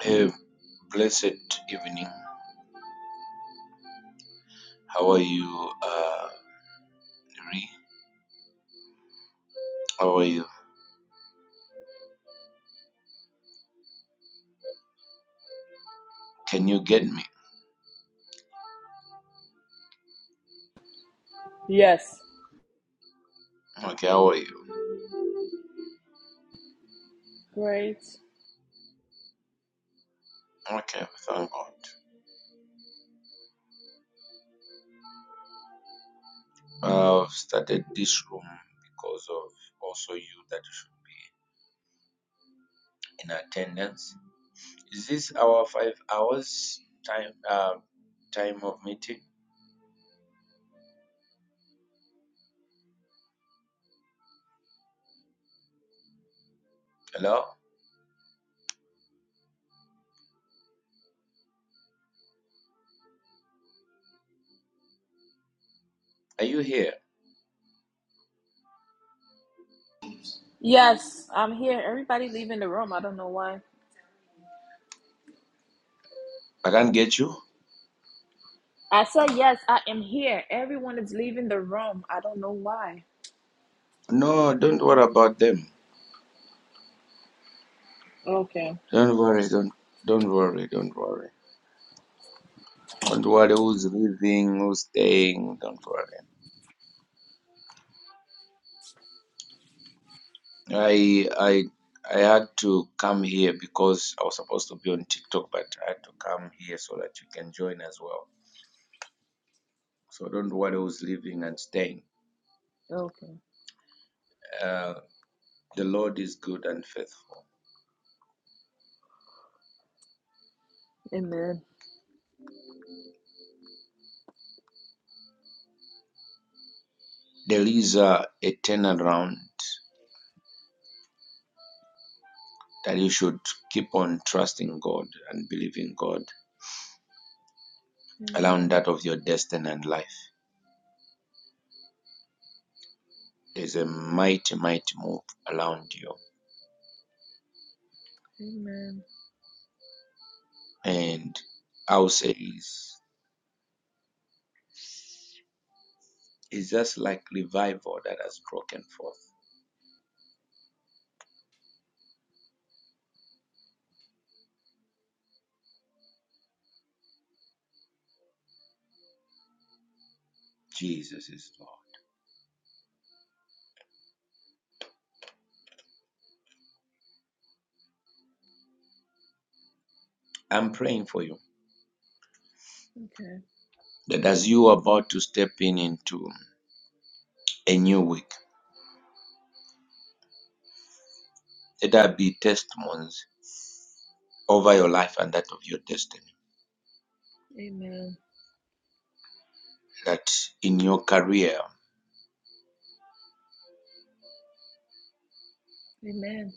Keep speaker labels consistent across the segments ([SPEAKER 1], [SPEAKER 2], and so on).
[SPEAKER 1] Hey, blessed evening. How are you, uh, Ree? How are you? Can you get me?
[SPEAKER 2] Yes.
[SPEAKER 1] Okay, how are you?
[SPEAKER 2] Great.
[SPEAKER 1] Okay, thank God. I've started this room because of also you that should be in attendance. Is this our five hours time? Uh, time of meeting. Hello, are you here?
[SPEAKER 2] Yes, I'm here. Everybody leaving the room. I don't know why.
[SPEAKER 1] I can't get you.
[SPEAKER 2] I said yes, I am here. Everyone is leaving the room. I don't know why.
[SPEAKER 1] No, don't worry about them.
[SPEAKER 2] Okay.
[SPEAKER 1] Don't worry. Don't don't worry. Don't worry. Don't worry who's leaving, who's staying. Don't worry. I I I had to come here because I was supposed to be on TikTok, but I had to come here so that you can join as well. So don't worry who's leaving and staying.
[SPEAKER 2] Okay.
[SPEAKER 1] Uh, the Lord is good and faithful.
[SPEAKER 2] Amen.
[SPEAKER 1] There is a, a turnaround that you should keep on trusting God and believing God around
[SPEAKER 2] Amen.
[SPEAKER 1] that of your destiny and life. There's a mighty, mighty move around you.
[SPEAKER 2] Amen.
[SPEAKER 1] And i would say is it's just like revival that has broken forth Jesus is Lord. I'm praying for you
[SPEAKER 2] Okay.
[SPEAKER 1] that as you are about to step in into a new week, let there be testimonies over your life and that of your destiny.
[SPEAKER 2] Amen.
[SPEAKER 1] That in your career,
[SPEAKER 2] Amen.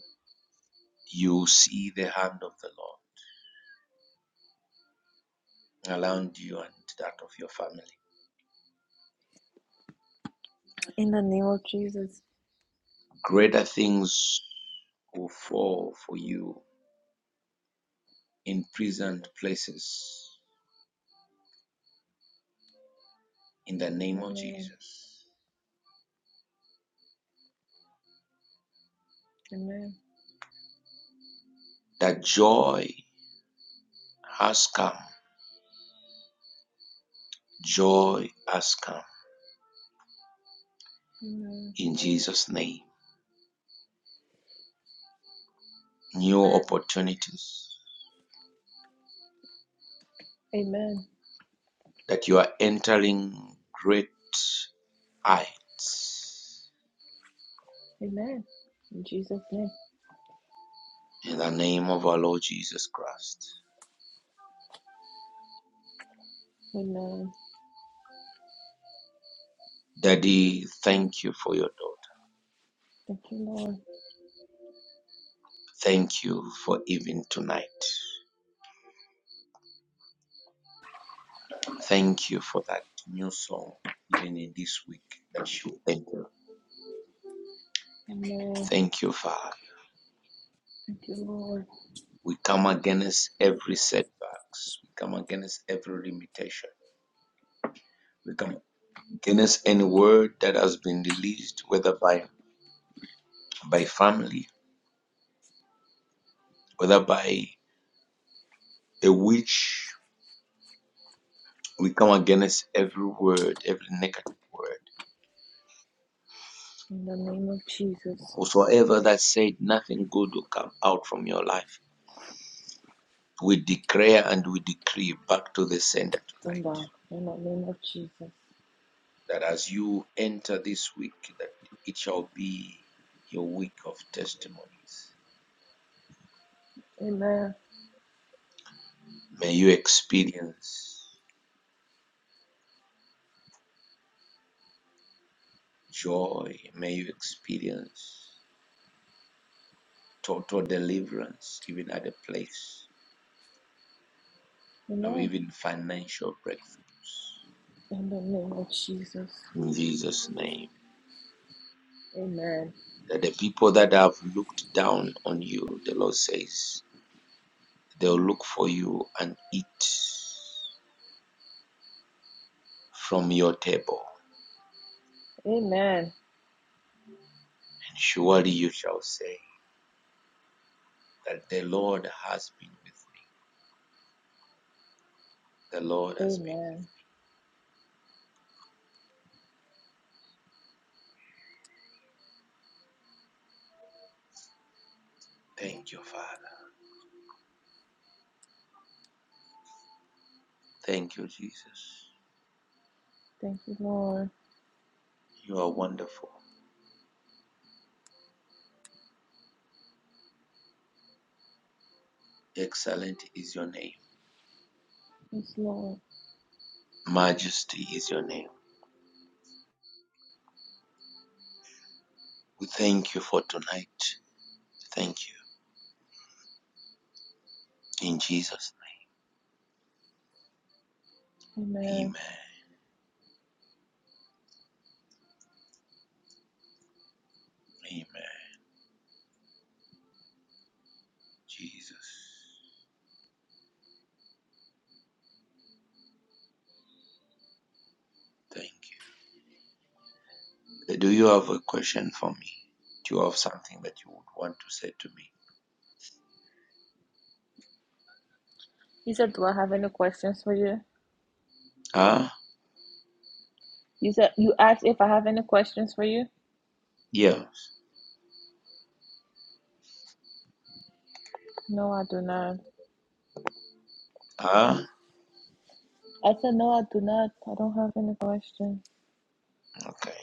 [SPEAKER 1] you see the hand of the Lord around you and that of your family.
[SPEAKER 2] In the name of Jesus.
[SPEAKER 1] Greater things will fall for you in pleasant places in the name of
[SPEAKER 2] Amen.
[SPEAKER 1] Jesus.
[SPEAKER 2] Amen.
[SPEAKER 1] That joy has come. Joy has come
[SPEAKER 2] Amen.
[SPEAKER 1] in Jesus' name. new
[SPEAKER 2] Amen.
[SPEAKER 1] opportunities,
[SPEAKER 2] Amen.
[SPEAKER 1] that you are entering great heights
[SPEAKER 2] Amen. In Jesus' name.
[SPEAKER 1] in the name of our Lord Jesus Christ.
[SPEAKER 2] Amen.
[SPEAKER 1] Daddy, thank you for your daughter.
[SPEAKER 2] Thank you, Lord.
[SPEAKER 1] Thank you for even tonight. Thank you for that new song, even in this week that you thank you.
[SPEAKER 2] Amen.
[SPEAKER 1] Thank you, Father.
[SPEAKER 2] Thank you, Lord.
[SPEAKER 1] We come against every setbacks. We come against every limitation. We come against any word that has been released, whether by by family, whereby a witch we come against every word, every negative word.
[SPEAKER 2] In the name of Jesus.
[SPEAKER 1] Whosoever that said nothing good will come out from your life. We declare and we decree back to the sender tonight
[SPEAKER 2] them down. In the name of Jesus.
[SPEAKER 1] that as you enter this week, that it shall be your week of testimonies.
[SPEAKER 2] Amen.
[SPEAKER 1] May you experience joy. May you experience total deliverance, even at a place or
[SPEAKER 2] Amen.
[SPEAKER 1] even financial breakthroughs.
[SPEAKER 2] In the name of Jesus.
[SPEAKER 1] in Jesus' name.
[SPEAKER 2] Amen.
[SPEAKER 1] That the people that have looked down on you, the Lord says, they'll look for you and eat from your table.
[SPEAKER 2] Amen.
[SPEAKER 1] And surely you shall say that the Lord has been with me. The Lord has been
[SPEAKER 2] Amen.
[SPEAKER 1] with me. Thank you, Father. Thank you, Jesus.
[SPEAKER 2] Thank you, Lord.
[SPEAKER 1] You are wonderful. Excellent is your name.
[SPEAKER 2] Yes, Lord.
[SPEAKER 1] Majesty is your name. We thank you for tonight. Thank you. In Jesus' name.
[SPEAKER 2] Amen.
[SPEAKER 1] Amen. Amen. Jesus. Thank you. Do you have a question for me? Do you have something that you would want to say to me?
[SPEAKER 2] He said, Do I have any questions for you?
[SPEAKER 1] Ah,
[SPEAKER 2] You said you asked if I have any questions for you?
[SPEAKER 1] yes.
[SPEAKER 2] No, I do not.
[SPEAKER 1] Ah,
[SPEAKER 2] I said no, I do not. I don't have any questions.
[SPEAKER 1] okay.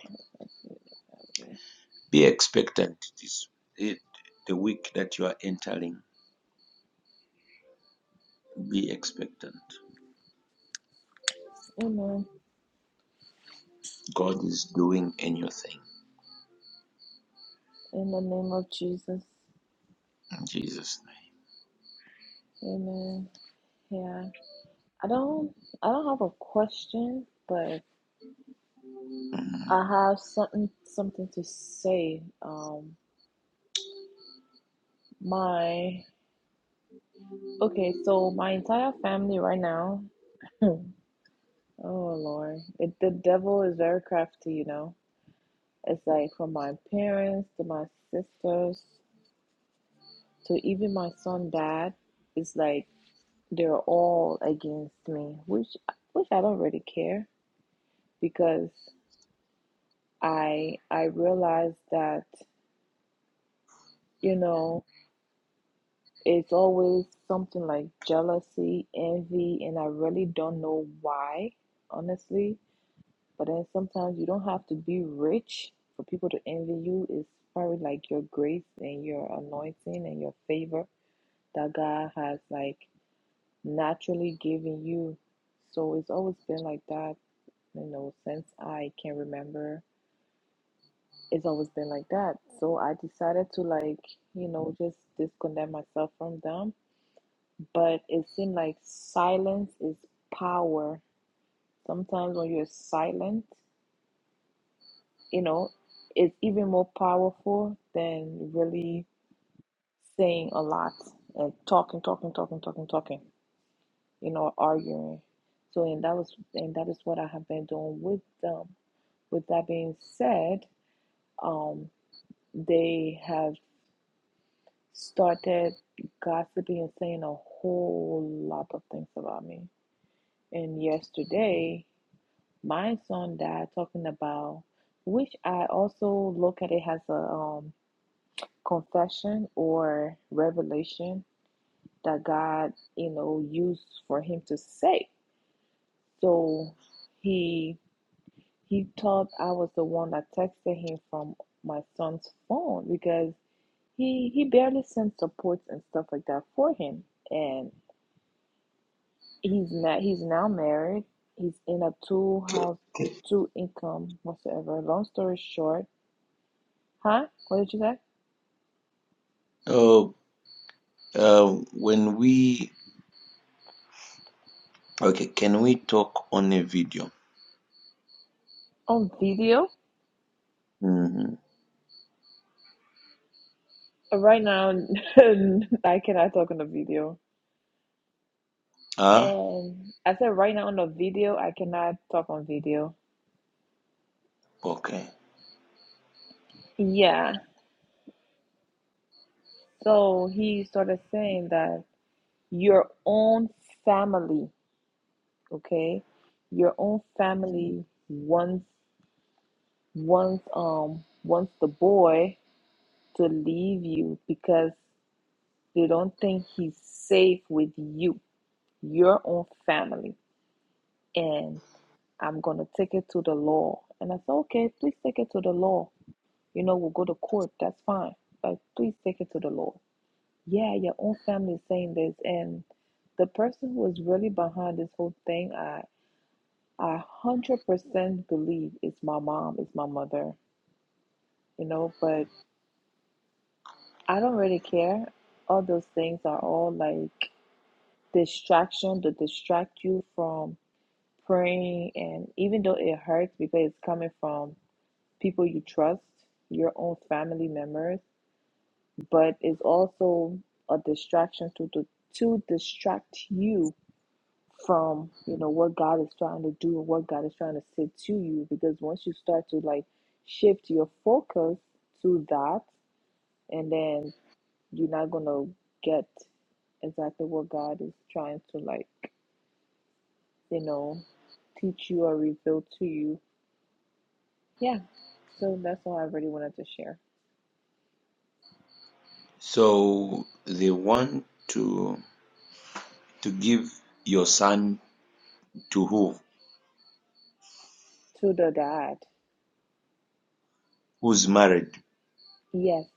[SPEAKER 1] Be expectant. It is it, the week that you are entering. Be expectant.
[SPEAKER 2] Amen.
[SPEAKER 1] God is doing a new thing
[SPEAKER 2] In the name of Jesus.
[SPEAKER 1] in Jesus'
[SPEAKER 2] Amen. Yeah. I don't I don't have a question, but
[SPEAKER 1] name. Mhm.
[SPEAKER 2] I have something something to say. Um, my okay, so my entire family right now. Oh Lord, it, the devil is very crafty, you know. It's like from my parents to my sisters to even my son dad. It's like they're all against me, which which I don't really care because I I realize that you know It's always something like jealousy, envy, and I really don't know why, honestly. But then sometimes you don't have to be rich for people to envy you. It's probably like your grace and your anointing and your favor that God has like naturally given you. So it's always been like that, you know, since I can remember. It's always been like that. So I decided to like, you know, just disconnect myself from them but it seemed like silence is power. Sometimes when you're silent, you know, it's even more powerful than really saying a lot and talking, talking, talking, talking, talking, you know, arguing. So and that was and that is what I have been doing with them. With that being said, um, they have started gossiping and saying a whole lot of things about me. And yesterday my son died talking about which i also look at it as a um, confession or revelation that god you know used for him to say so he he thought i was the one that texted him from my son's phone because he he barely sent supports and stuff like that for him and he's not he's now married he's in a two
[SPEAKER 1] Okay.
[SPEAKER 2] house two income whatsoever long story short Huh? What did you say?
[SPEAKER 1] Oh, uh, when we okay, can we talk on a video?
[SPEAKER 2] On video?
[SPEAKER 1] hmm
[SPEAKER 2] Uh, Right now, I cannot talk on the video.
[SPEAKER 1] Ah,
[SPEAKER 2] And I said right now on the video, I cannot talk on video.
[SPEAKER 1] okay.
[SPEAKER 2] Yeah. So he started saying that your own family, okay, your own
[SPEAKER 1] Mm-hmm.
[SPEAKER 2] family wants wants um wants the boy to leave you because they don't think he's safe with you, your own family. And I'm going to take it to the law. And I said, okay, please take it to the law. You know, we'll go to court. That's fine. But please take it to the law. Yeah, your own family is saying this. And the person who is really behind this whole thing, I, I 100% believe it's my mom, it's my mother, you know, but I don't really care. All those things are all like distraction to distract you from praying. And even though it hurts because it's coming from people you trust, your own family members, but it's also a distraction to, to to distract you from you know what God is trying to do and what God is trying to say to you. Because once you start to like shift your focus to that, and then you're not gonna get exactly what God is trying to like you know teach you or reveal to you. Yeah. So that's all I really wanted to share.
[SPEAKER 1] So they want to to give your son To who?
[SPEAKER 2] To the dad.
[SPEAKER 1] Who's married?
[SPEAKER 2] Yes.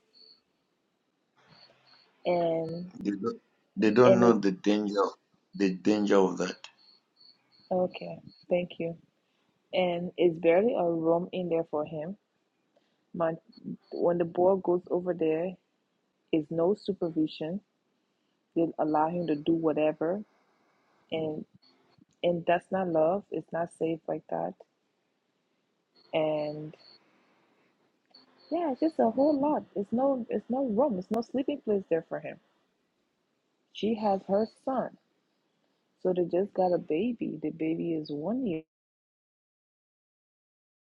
[SPEAKER 2] and
[SPEAKER 1] They don't, they don't
[SPEAKER 2] and it
[SPEAKER 1] know the danger the danger of that.
[SPEAKER 2] okay thank you and it's barely a room in there for him My, when the boy goes over there is no supervision they allow him to do whatever and and that's not love it's not safe like that and yeah it's just a whole lot it's no it's no room it's no sleeping place there for him she has her son so they just got a baby the baby is one year